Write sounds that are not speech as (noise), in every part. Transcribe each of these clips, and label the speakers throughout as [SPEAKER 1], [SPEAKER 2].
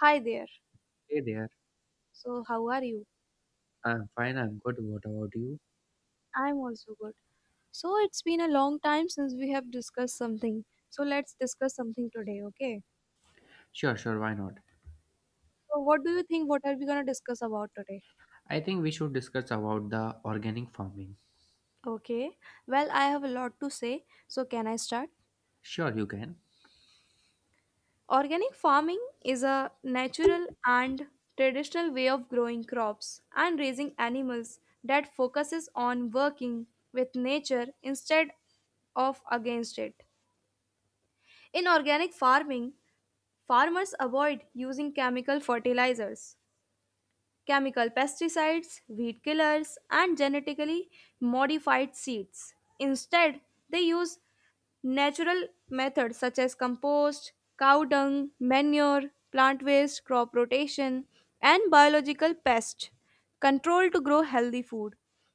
[SPEAKER 1] Hi there.
[SPEAKER 2] Hey there.
[SPEAKER 1] So, how are you?
[SPEAKER 2] I'm fine, I'm good. What about you?
[SPEAKER 1] I'm also good. So, it's been a long time since we have discussed something. So, let's discuss something today, okay?
[SPEAKER 2] Sure, sure, why not?
[SPEAKER 1] So, what do you think? What are we going to discuss about today?
[SPEAKER 2] I think we should discuss about the organic farming.
[SPEAKER 1] Okay. Well, I have a lot to say. So, can I start?
[SPEAKER 2] Sure, you can.
[SPEAKER 1] Organic farming is a natural and traditional way of growing crops and raising animals that focuses on working with nature instead of against it. In organic farming, farmers avoid using chemical fertilizers, chemical pesticides, weed killers, and genetically modified seeds. Instead, they use natural methods such as compost, cow dung, manure, plant waste, crop rotation, and biological pest control to grow healthy food.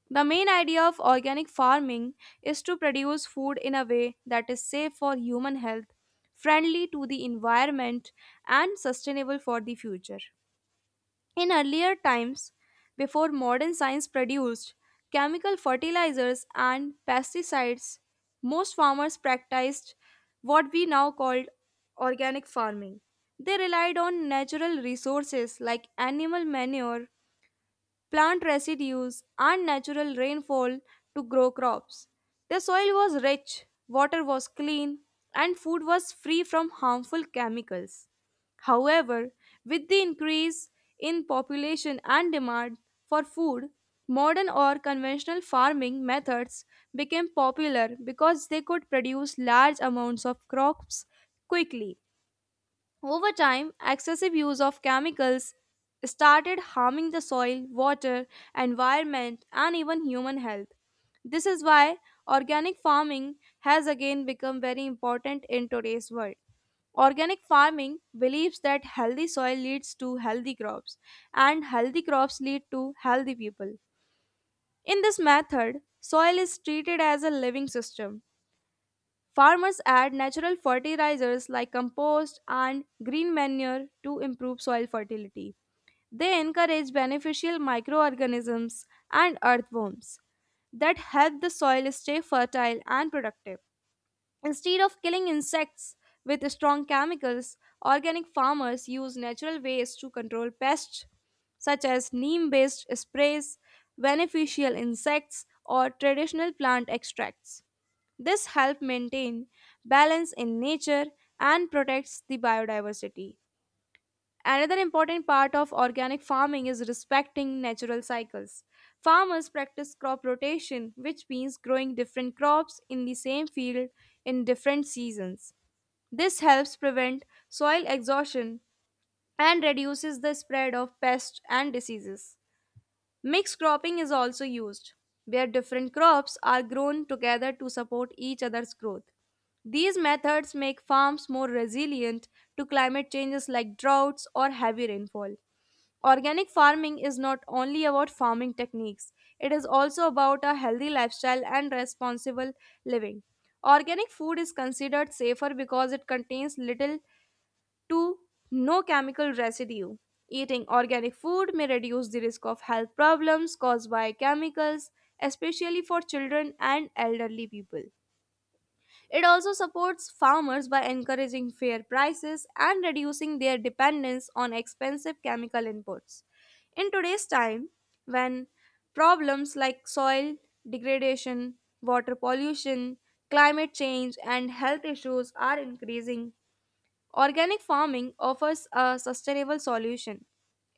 [SPEAKER 1] The main idea of organic farming is to produce food in a way that is safe for human health, friendly to the environment, and sustainable for the future. In earlier times, before modern science produced chemical fertilizers and pesticides, most farmers practiced what we now call organic farming. They relied on natural resources like animal manure, plant residues, and natural rainfall to grow crops. The soil was rich, water was clean, and food was free from harmful chemicals. However, with the increase in population and demand for food, modern or conventional farming methods became popular because they could produce large amounts of crops quickly. Over time, excessive use of chemicals started harming the soil, water, environment, and even human health. This is why organic farming has again become very important in today's world. Organic farming believes that healthy soil leads to healthy crops, and healthy crops lead to healthy people. In this method, soil is treated as a living system. Farmers add natural fertilizers like compost and green manure to improve soil fertility. They encourage beneficial microorganisms and earthworms that help the soil stay fertile and productive. Instead of killing insects with strong chemicals, organic farmers use natural ways to control pests such as neem based sprays, beneficial insects, or traditional plant extracts. This helps maintain balance in nature and protects the biodiversity. Another important part of organic farming is respecting natural cycles. Farmers practice crop rotation, which means growing different crops in the same field in different seasons. This helps prevent soil exhaustion and reduces the spread of pests and diseases. Mixed cropping is also used, where different crops are grown together to support each other's growth. These methods make farms more resilient to climate changes like droughts or heavy rainfall. Organic farming is not only about farming techniques, it is also about a healthy lifestyle and responsible living. Organic food is considered safer because it contains little 2 no chemical residue. Eating organic food may reduce the risk of health problems caused by chemicals, especially for children and elderly people. It also supports farmers by encouraging fair prices and reducing their dependence on expensive chemical inputs. In today's time, when problems like soil degradation, water pollution, climate change, and health issues are increasing, organic farming offers a sustainable solution.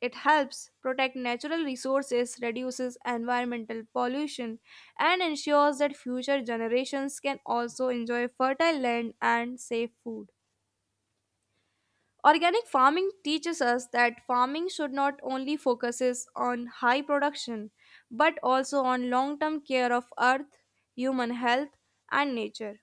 [SPEAKER 1] It helps protect natural resources, reduces environmental pollution, and ensures that future generations can also enjoy fertile land and safe food. Organic farming teaches us that farming should not only focuses on high production but also on long-term care of earth, human health, and nature.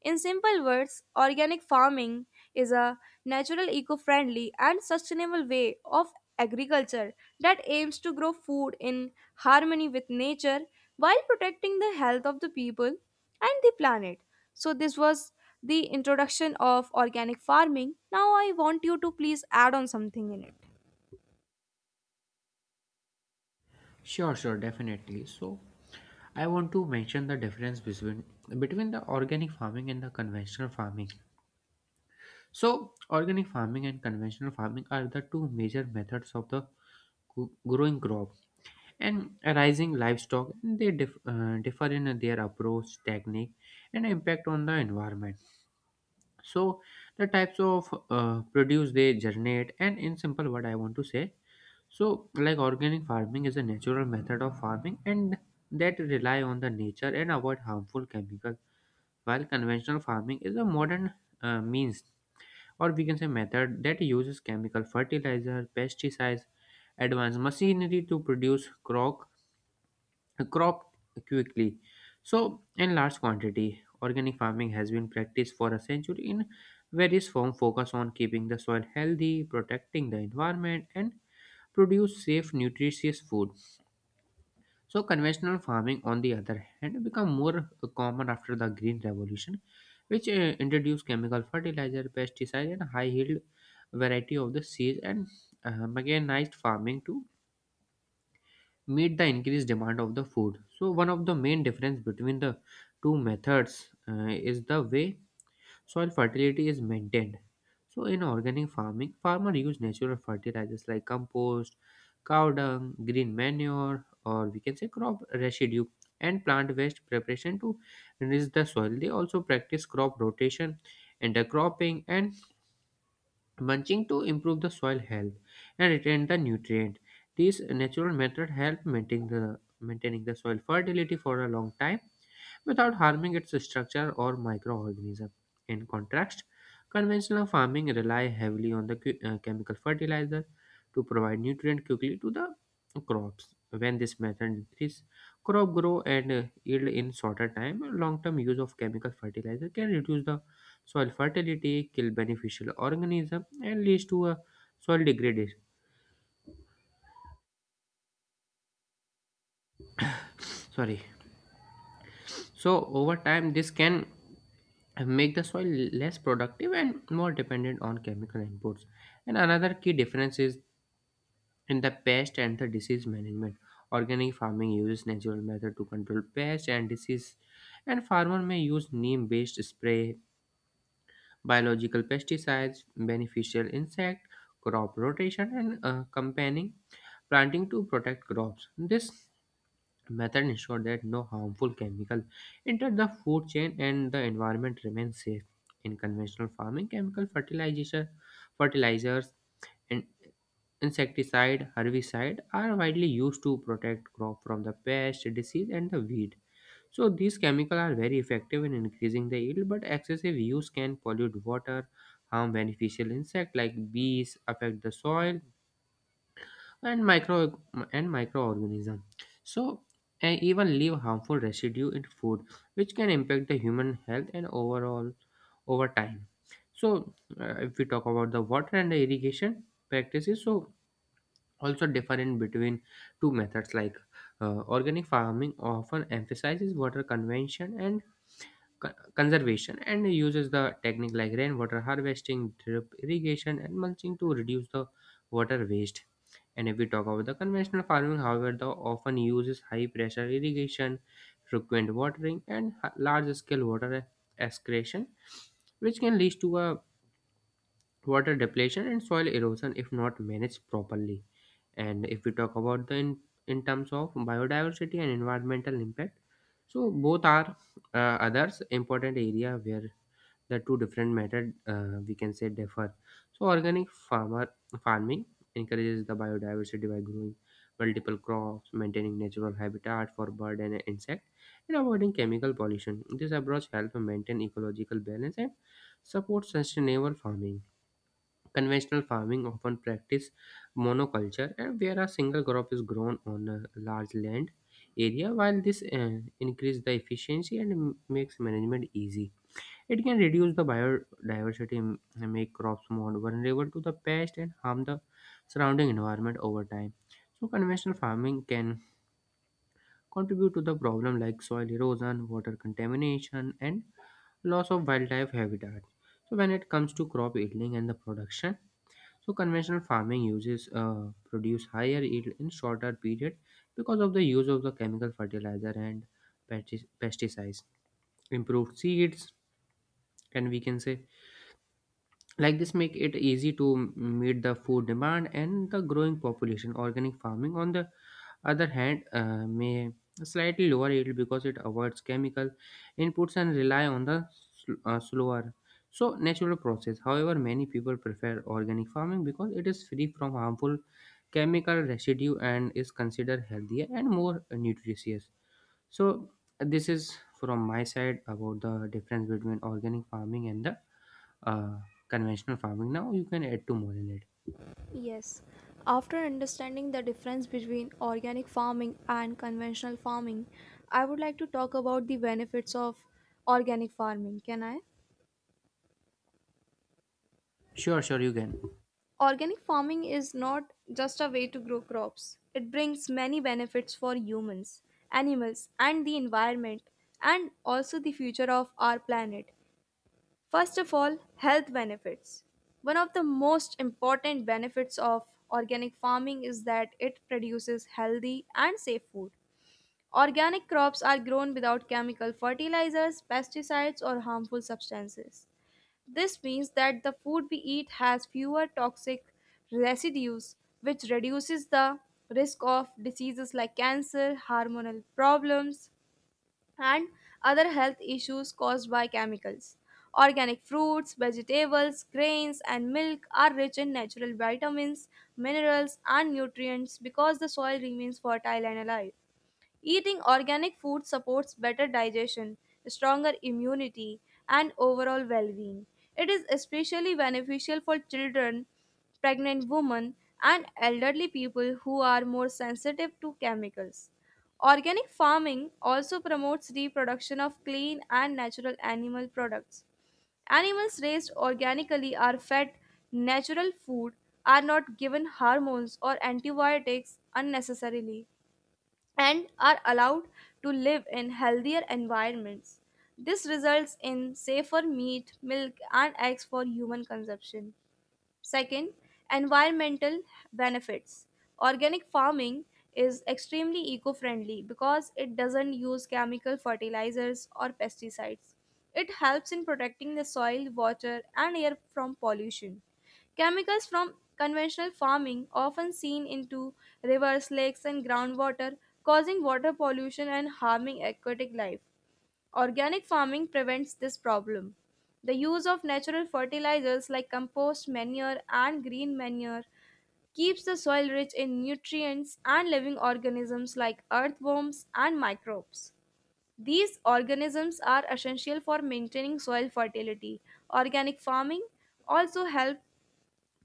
[SPEAKER 1] In simple words, organic farming is a natural, eco friendly, and sustainable way of agriculture that aims to grow food in harmony with nature while protecting the health of the people and the planet. So, this was the introduction of organic farming. Now, I want you to please add on something in it.
[SPEAKER 2] Sure, sure, definitely. So, I want to mention the difference between the organic farming and the conventional farming. So, organic farming and conventional farming are the two major methods of growing crop and raising livestock. They differ in their approach, technique, and impact on the environment. So the types of produce they generate, and in simple word I want to say, so like organic farming is a natural method of farming and that rely on the nature and avoid harmful chemicals, while conventional farming is a modern, means, or we can say, method that uses chemical fertilizer, pesticides, advanced machinery to produce crop quickly. So, in large quantity, organic farming has been practiced for a century in various forms, focus on keeping the soil healthy, protecting the environment, and produce safe, nutritious food. So, conventional farming, on the other hand, become more common after the Green Revolution, which introduced chemical fertilizer, pesticide, and high yield variety of the seeds, and mechanized farming to meet the increased demand of the food. So one of the main difference between the two methods is the way soil fertility is maintained. So in organic farming, farmer use natural fertilizers like compost, cow dung, green manure, or we can say crop residue and plant waste preparation to enrich the soil. They also practice crop rotation, intercropping, and mulching to improve the soil health and retain the nutrient. These natural methods help maintaining the soil fertility for a long time without harming its structure or microorganism. In contrast, conventional farming rely heavily on the chemical fertilizer to provide nutrient quickly to the crops. When this method decreases crop grow and yield in shorter time, long-term use of chemical fertilizer can reduce the soil fertility, kill beneficial organism, and leads to a soil degradation. Sorry. So over time, this can make the soil less productive and more dependent on chemical inputs. And another key difference is in the pest and the disease management. Organic farming uses natural method to control pests and disease, and farmer may use neem-based spray, biological pesticides, beneficial insect, crop rotation, and companion planting to protect crops. This method ensure that no harmful chemical enter the food chain and the environment remains safe. In conventional farming, chemical fertilization fertilizers and insecticide, herbicide are widely used to protect crop from the pest, disease, and the weed. So these chemicals are very effective in increasing the yield, but excessive use can pollute water, harm beneficial insects like bees, affect the soil and microorganism, so, and even leave harmful residue in food, which can impact the human health and overall, over time. So if we talk about the water and the irrigation practices, so also different between two methods. Like organic farming often emphasizes water convention and co- conservation and uses the technique like rainwater harvesting, drip irrigation, and mulching to reduce the water waste. And if we talk about the conventional farming, however, the often uses high pressure irrigation, frequent watering, and large scale water excretion, which can lead to a water depletion and soil erosion if not managed properly. And if we talk about in terms of biodiversity and environmental impact, so both are others important area where the two different method, we can say, differ. So organic farmer farming encourages the biodiversity by growing multiple crops, maintaining natural habitat for bird and insect, and avoiding chemical pollution. This approach helps maintain ecological balance and supports sustainable farming. Conventional farming often practice monoculture, and where a single crop is grown on a large land area. While this increase the efficiency and makes management easy, it can reduce the biodiversity and make crops more vulnerable to the pest and harm the surrounding environment over time. So, conventional farming can contribute to the problem like soil erosion, water contamination, and loss of wildlife habitat. So, when it comes to crop yielding and the production, so conventional farming uses produce higher yield in shorter period because of the use of the chemical fertilizer and pesticides, improved seeds, and we can say like this make it easy to meet the food demand and the growing population. Organic farming, on the other hand, may slightly lower yield because it avoids chemical inputs and rely on the slower, so natural process. However, many people prefer organic farming because it is free from harmful chemical residue and is considered healthier and more nutritious. So this is from my side about the difference between organic farming and the uh, conventional farming. Now you can add to more in it.
[SPEAKER 1] Yes, after understanding the difference between organic farming and conventional farming, I would like to talk about the benefits of organic farming. Can I?
[SPEAKER 2] Sure, sure, you can.
[SPEAKER 1] Organic farming is not just a way to grow crops, it brings many benefits for humans, animals, and the environment, and also the future of our planet. First of all, health benefits. One of the most important benefits of organic farming is that it produces healthy and safe food. Organic crops are grown without chemical fertilizers, pesticides, or harmful substances. This means that the food we eat has fewer toxic residues, which reduces the risk of diseases like cancer, hormonal problems, and other health issues caused by chemicals. Organic fruits, vegetables, grains, and milk are rich in natural vitamins, minerals, and nutrients because the soil remains fertile and alive. Eating organic food supports better digestion, stronger immunity, and overall well being. It is especially beneficial for children, pregnant women, and elderly people who are more sensitive to chemicals. Organic farming also promotes reproduction of clean and natural animal products. Animals raised organically are fed natural food, are not given hormones or antibiotics unnecessarily, and are allowed to live in healthier environments. This results in safer meat, milk, and eggs for human consumption. Second, environmental benefits. Organic farming is extremely eco friendly because it doesn't use chemical fertilizers or pesticides. It helps in protecting the soil, water, and air from pollution. Chemicals from conventional farming often seen into rivers, lakes, and groundwater, causing water pollution and harming aquatic life. Organic farming prevents this problem. The use of natural fertilizers like compost, manure, and green manure keeps the soil rich in nutrients and living organisms like earthworms and microbes. These organisms are essential for maintaining soil fertility. Organic farming also helps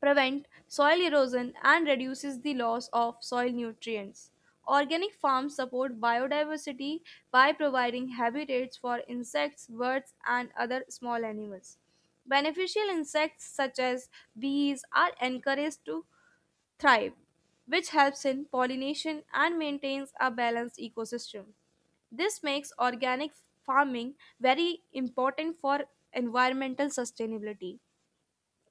[SPEAKER 1] prevent soil erosion and reduces the loss of soil nutrients. Organic farms support biodiversity by providing habitats for insects, birds, and other small animals. Beneficial insects such as bees are encouraged to thrive, which helps in pollination and maintains a balanced ecosystem. This makes organic farming very important for environmental sustainability.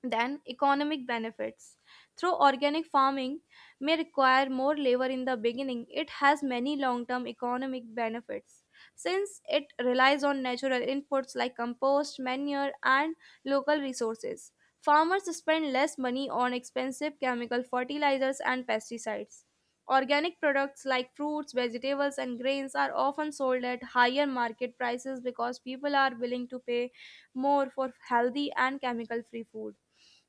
[SPEAKER 1] Then, economic benefits. Through organic farming may require more labor in the beginning, it has many long term economic benefits. Since it relies on natural inputs like compost, manure, and local resources, farmers spend less money on expensive chemical fertilizers and pesticides. Organic products like fruits, vegetables, and grains are often sold at higher market prices because people are willing to pay more for healthy and chemical free food.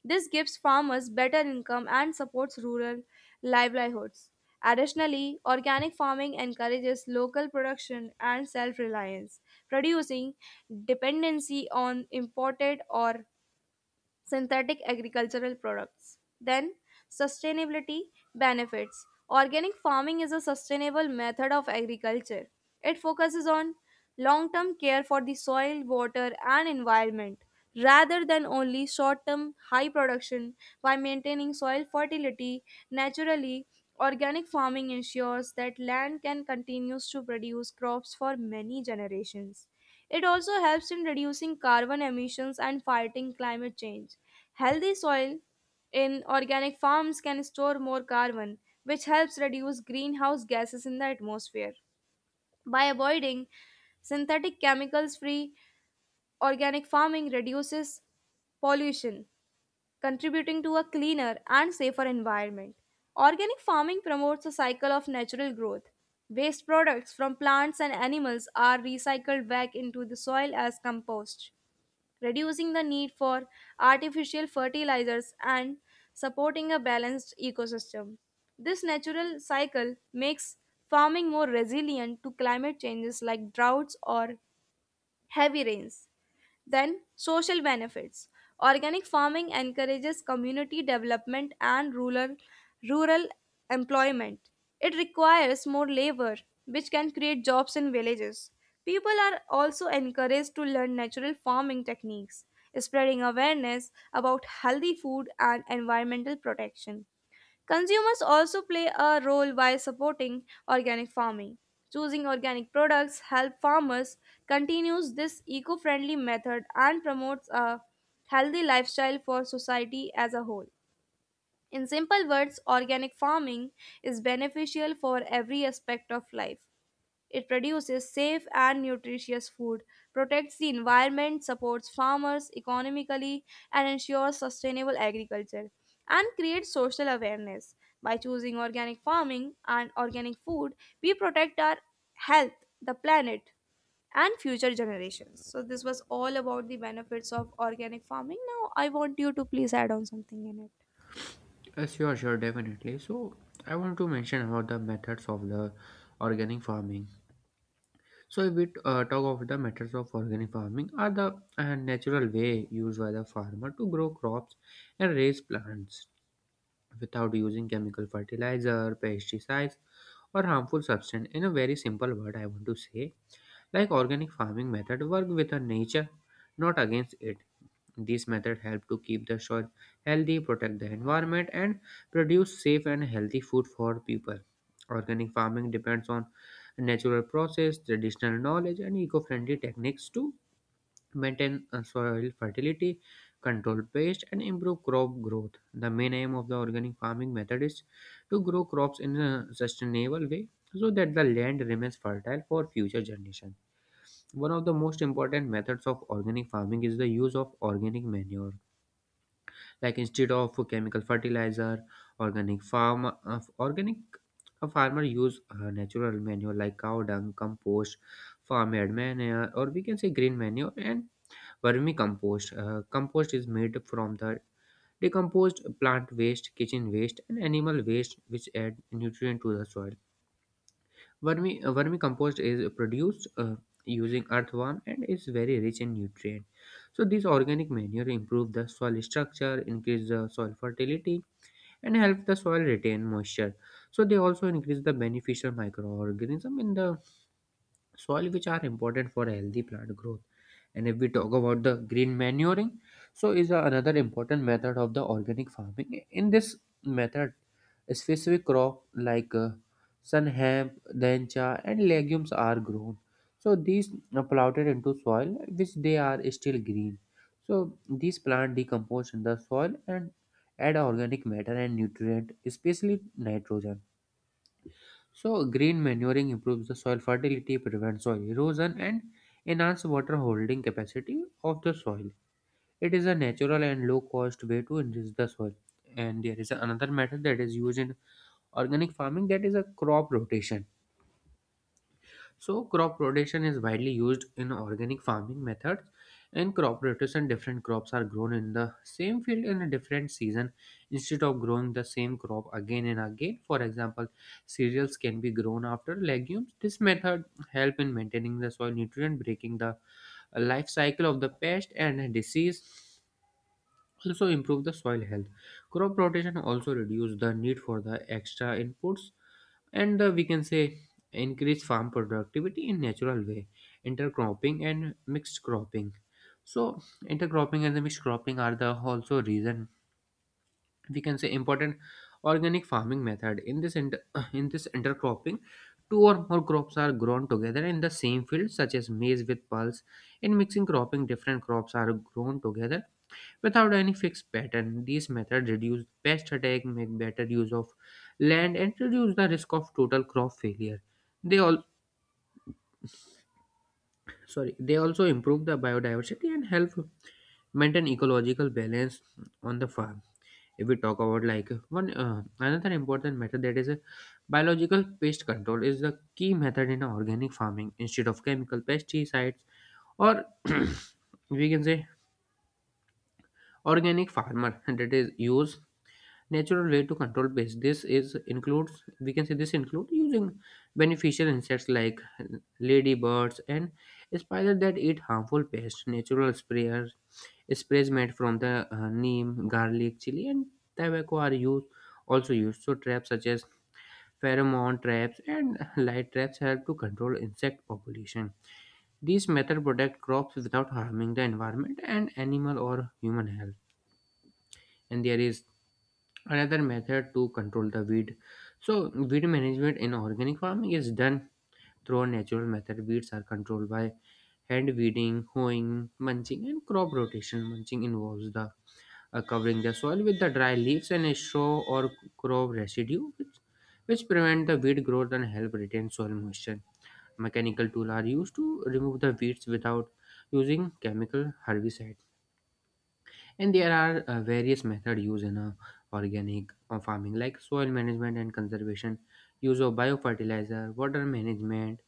[SPEAKER 1] This gives farmers better income and supports rural livelihoods. Additionally, organic farming encourages local production and self reliance, reducing dependency on imported or synthetic agricultural products. Then, sustainability benefits. Organic farming is a sustainable method of agriculture. It focuses on long term care for the soil, water, and environment rather than only short term high production by maintaining soil fertility naturally. Organic farming ensures that land can continue to produce crops for many generations. It also helps in reducing carbon emissions and fighting climate change. Healthy soil in organic farms can store more carbon, which helps reduce greenhouse gases in the atmosphere. By avoiding synthetic chemicals free, organic farming reduces pollution, contributing to a cleaner and safer environment. Organic farming promotes a cycle of natural growth. Waste products from plants and animals are recycled back into the soil as compost, reducing the need for artificial fertilizers and supporting a balanced ecosystem. This natural cycle makes farming more resilient to climate changes like droughts or heavy rains. Then, social benefits. Organic farming encourages community development and rural employment. It requires more labor, which can create jobs in villages. People are also encouraged to learn natural farming techniques, spreading awareness about healthy food and environmental protection. Consumers also play a role by supporting organic farming. Choosing organic products help farmers continues this eco-friendly method and promotes a healthy lifestyle for society as a whole. In simple words, organic farming is beneficial for every aspect of life. It produces safe and nutritious food, protects the environment, supports farmers economically, and ensures sustainable agriculture, and creates social awareness. By choosing organic farming and organic food, we protect our health, the planet, and future generations. So, this was all about the benefits of organic farming. Now, I want you to please add on something in it.
[SPEAKER 2] sure, sure, definitely. So I want to mention about the methods of the organic farming. So if we talk of the methods of organic farming are the natural way used by the farmer to grow crops and raise plants without using chemical fertilizer, pesticides, or harmful substance. In a very simple word I want to say, like organic farming method work with the nature, not against it. This method help to keep the soil healthy, protect the environment, and produce safe and healthy food for people. Organic farming depends on natural process, traditional knowledge, and eco-friendly techniques to maintain soil fertility, control pest, and improve crop growth. The main aim of the organic farming method is to grow crops in a sustainable way so that the land remains fertile for future generations. One of the most important methods of organic farming is the use of organic manure. Like instead of chemical fertilizer, organic farm organic a farmer use natural manure like cow dung, compost, farmyard manure, or we can say green manure and vermicompost. Compost is made from the decomposed plant waste, kitchen waste, and animal waste, which add nutrient to the soil. Vermicompost is produced using earthworm and is very rich in nutrient. So this organic manure improve the soil structure, increase the soil fertility, and help the soil retain moisture. So they also increase the beneficial microorganism in the soil, which are important for healthy plant growth. And if we talk about the green manuring, so is another important method of the organic farming. In this method, specific crop like sun hemp, dencha, and legumes are grown. So these are plotted into soil which they are still green. So these plant decompose in the soil and add organic matter and nutrient, especially nitrogen. So, green manuring improves the soil fertility, prevents soil erosion, and enhances water holding capacity of the soil. It is a natural and low cost way to enrich the soil. And there is another method that is used in organic farming, that is a crop rotation. So crop rotation is widely used in organic farming methods. In crop rotation, different crops are grown in the same field in a different season instead of growing the same crop again and again. For example, cereals can be grown after legumes. This method help in maintaining the soil nutrient, breaking the life cycle of the pest and disease. Also improve the soil health. Crop rotation also reduce the need for the extra inputs, and we can say increase farm productivity in natural way. Intercropping and mixed cropping. So intercropping and the mixed cropping are the also reason, we can say, important organic farming method. In (coughs) (clears throat) in this intercropping, two or more crops are grown together in the same field, such as maize with pulse. In mixing cropping, different crops are grown together without any fixed pattern. These methods reduce pest attack, make better use of land, and reduce the risk of total crop failure. They all they also improve the biodiversity and help maintain ecological balance on the farm. If we talk about like one another important method, that is a biological pest control. Is the key method in organic farming instead of chemical pesticides, or (coughs) (clears throat) we can say organic farmer (laughs) that is use natural way to control pests. This is includes we can say this include using beneficial insects like ladybirds and spiders that eat harmful pests. Natural sprayers, sprays made from the neem, garlic, chili and tobacco are used, also used so traps such as pheromone traps and light traps help to control insect population. These methods protect crops without harming the environment and animal or human health. And there is another method to control the weed. So weed management in organic farming is done through a natural method. Weeds are controlled by hand weeding, hoeing, mulching and crop rotation. Mulching involves the covering the soil with the dry leaves and a straw or crop residue, which prevent the weed growth and help retain soil moisture. Mechanical tools are used to remove the weeds without using chemical herbicides. And there are various methods used in organic farming, like soil management and conservation, use of biofertilizer, water management.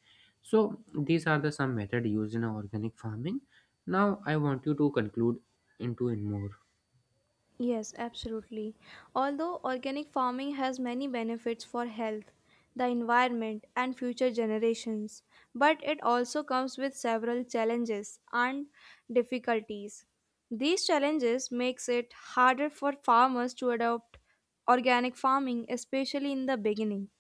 [SPEAKER 2] So these are the some method used in organic farming. Now I want you to conclude into in more.
[SPEAKER 1] Yes, absolutely. Although organic farming has many benefits for health, the environment, and future generations, but it also comes with several challenges and difficulties. These challenges makes it harder for farmers to adopt organic farming, especially in the beginning.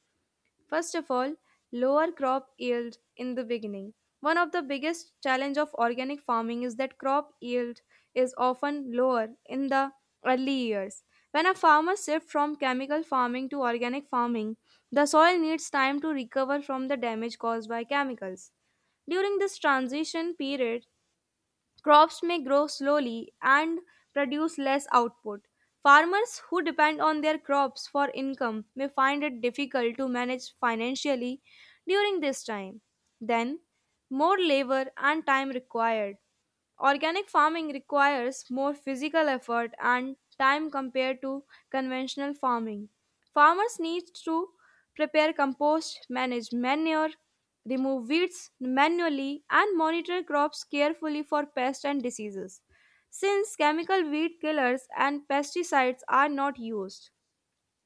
[SPEAKER 1] First of all, lower crop yield in the beginning. One of the biggest challenge of organic farming is that crop yield is often lower in the early years. When a farmer shifts from chemical farming to organic farming, the soil needs time to recover from the damage caused by chemicals. During this transition period, crops may grow slowly and produce less output. Farmers who depend on their crops for income may find it difficult to manage financially during this time. Then, more labor and time required. Organic farming requires more physical effort and time compared to conventional farming. Farmers need to prepare compost, manage manure, remove weeds manually, and monitor crops carefully for pests and diseases, since chemical weed killers and pesticides are not used.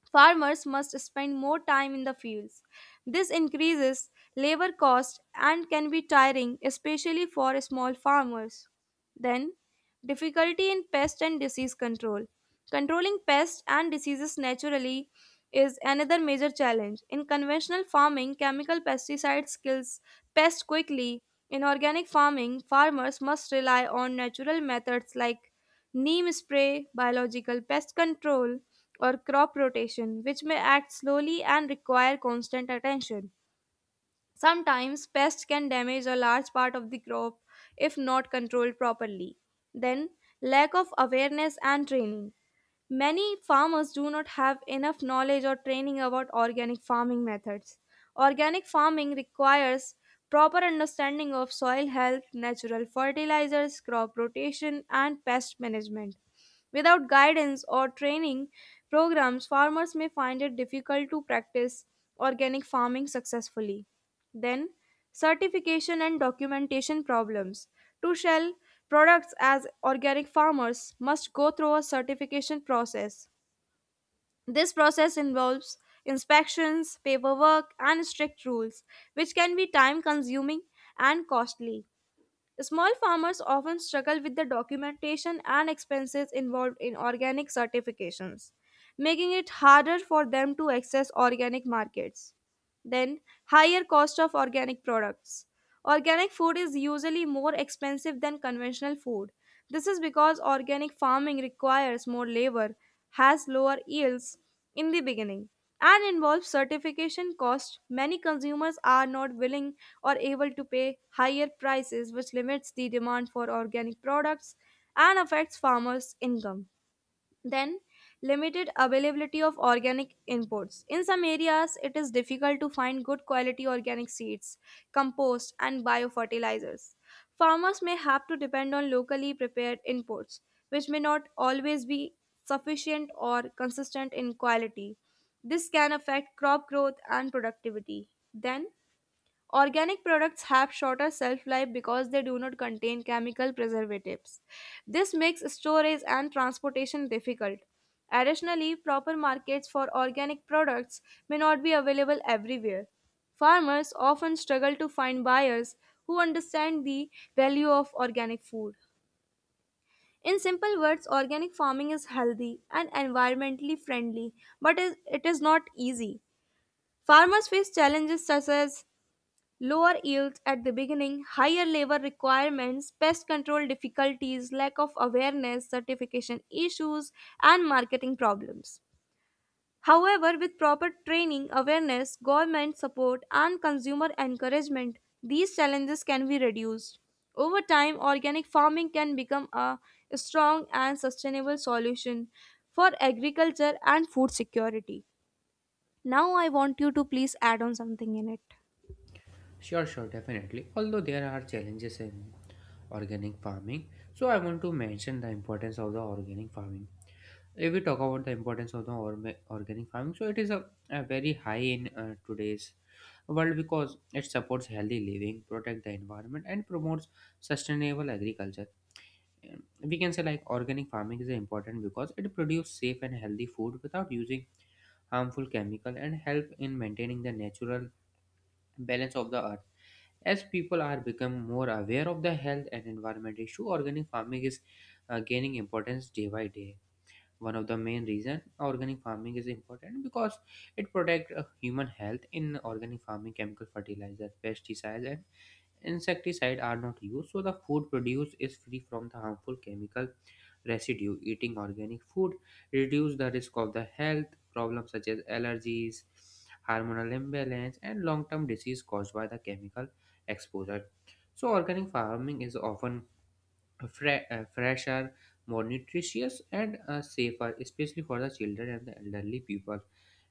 [SPEAKER 1] Farmers must spend more time in the fields. This increases labor cost and can be tiring, especially for small farmers. Then, difficulty in pest and disease control. Controlling pests and diseases naturally is another major challenge. In conventional farming, chemical pesticides kills pests quickly. In organic farming, farmers must rely on natural methods like neem spray, biological pest control, or crop rotation, which may act slowly and require constant attention. Sometimes pests can damage a large part of the crop if not controlled properly. Then, lack of awareness and training. Many farmers do not have enough knowledge or training about organic farming methods. Organic farming requires proper understanding of soil health, natural fertilizers, crop rotation, and pest management. Without guidance or training programs, farmers may find it difficult to practice organic farming successfully. Then, certification and documentation problems. To sell products as organic, farmers must go through a certification process. This process involves inspections, paperwork, and strict rules, which can be time consuming and costly. Small farmers often struggle with the documentation and expenses involved in organic certifications, making it harder for them to access organic markets. Then, higher cost of organic products. Organic food is usually more expensive than conventional food. This is because organic farming requires more labor, has lower yields in the beginning, and involves certification costs. Many consumers are not willing or able to pay higher prices, which limits the demand for organic products and affects farmers' income. Then, limited availability of organic inputs. In some areas, it is difficult to find good quality organic seeds, compost, and biofertilizers. Farmers may have to depend on locally prepared inputs, which may not always be sufficient or consistent in quality. This can affect crop growth and productivity. Then, organic products have shorter shelf life because they do not contain chemical preservatives. This makes storage and transportation difficult. Additionally, proper markets for organic products may not be available everywhere. Farmers often struggle to find buyers who understand the value of organic food. In simple words, organic farming is healthy and environmentally friendly, but it is not easy. Farmers face challenges such as lower yields at the beginning, higher labor requirements, pest control difficulties, lack of awareness, certification issues, and marketing problems. However, with proper training, awareness, government support, and consumer encouragement, these challenges can be reduced. Over time, organic farming can become a strong and sustainable solution for agriculture and food security. Now, I want you to please add on something in it.
[SPEAKER 2] Sure, sure, definitely. Although there are challenges in organic farming, so I want to mention the importance of the organic farming. If we talk about the importance of the organic farming, so it is a very high in today's world because it supports healthy living, protect the environment and promotes sustainable agriculture. Um, we can say like organic farming is important because it produces safe and healthy food without using harmful chemical and help in maintaining the natural balance of the earth. As people are become more aware of the health and environment issue, organic farming is gaining importance day by day. One of the main reason organic farming is important because it protect human health. In organic farming, chemical fertilizer, pesticides and insecticide are not used, so the food produced is free from the harmful chemical residue. Eating organic food reduce the risk of the health problems such as allergies, hormonal imbalance and long-term disease caused by the chemical exposure. So organic farming is often fresher, more nutritious, and safer, especially for the children and the elderly people.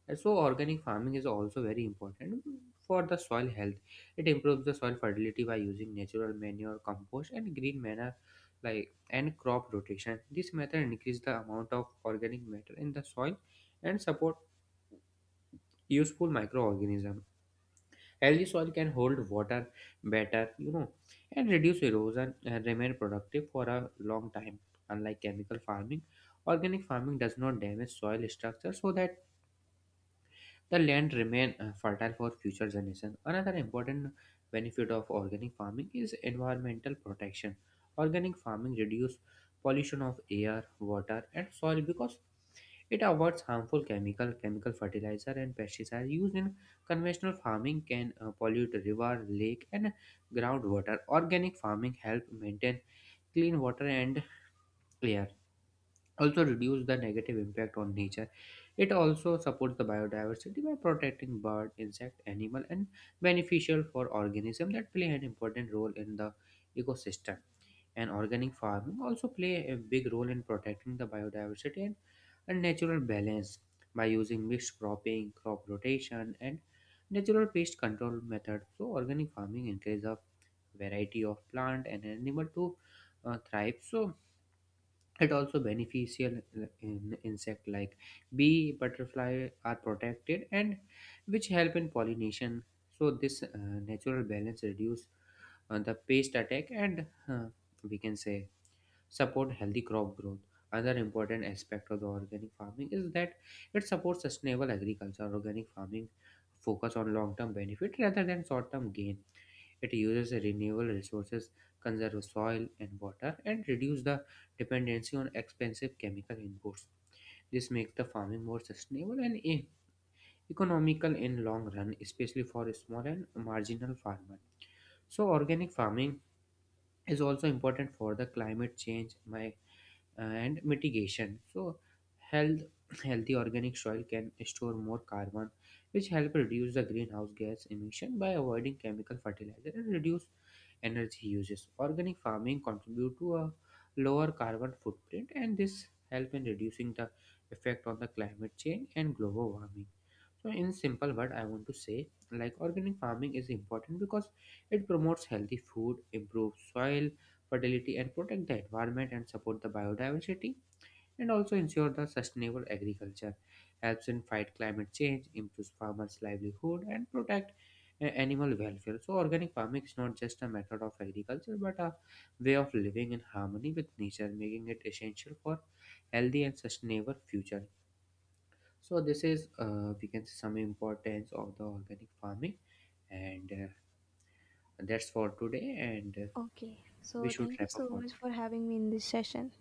[SPEAKER 2] And so, organic farming is also very important for the soil health. It improves the soil fertility by using natural manure, compost, and green manure, like and crop rotation. This method increases the amount of organic matter in the soil and support useful microorganisms. Healthy soil can hold water better, you know, and reduce erosion and remain productive for a long time. Unlike chemical farming, organic farming does not damage soil structure so that the land remain fertile for future generations. Another important benefit of organic farming is environmental protection. Organic farming reduces pollution of air, water, and soil because it avoids harmful chemical fertilizer, and pesticides used in conventional farming can pollute river, lake, and groundwater. Organic farming help maintain clean water and air, also reduce the negative impact on nature. It also supports the biodiversity by protecting bird, insect, animal and beneficial for organism that play an important role in the ecosystem. And organic farming also play a big role in protecting the biodiversity and natural balance. By using mixed cropping, crop rotation and natural pest control methods, so organic farming encourages a variety of plant and animal to thrive. So it also beneficial in insect like bee, butterfly are protected and which help in pollination. So this natural balance reduce the pest attack and we can say support healthy crop growth. Another important aspect of the organic farming is that it supports sustainable agriculture. Organic farming focus on long-term benefit rather than short-term gain. It uses renewable resources, conserve soil and water, and reduce the dependency on expensive chemical inputs. This makes the farming more sustainable and economical in long run, especially for small and marginal farmers. So organic farming is also important for the climate change. My and mitigation. So, health, healthy organic soil can store more carbon, which help reduce the greenhouse gas emission by avoiding chemical fertilizer and reduce energy uses. Organic farming contribute to a lower carbon footprint, and this help in reducing the effect on the climate change and global warming. So, in simple word, I want to say like organic farming is important because it promotes healthy food, improves soil fertility and protect the environment and support the biodiversity and also ensure the sustainable agriculture, helps in fight climate change, improves farmers livelihood and protect animal welfare. So organic farming is not just a method of agriculture but a way of living in harmony with nature, making it essential for healthy and sustainable future. So this is we can see some importance of the organic farming and that's for today and
[SPEAKER 1] Okay,
[SPEAKER 2] we
[SPEAKER 1] so
[SPEAKER 2] should
[SPEAKER 1] thank you
[SPEAKER 2] wrap up
[SPEAKER 1] so
[SPEAKER 2] for
[SPEAKER 1] much
[SPEAKER 2] today.
[SPEAKER 1] for having me in this session.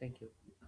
[SPEAKER 2] Thank you.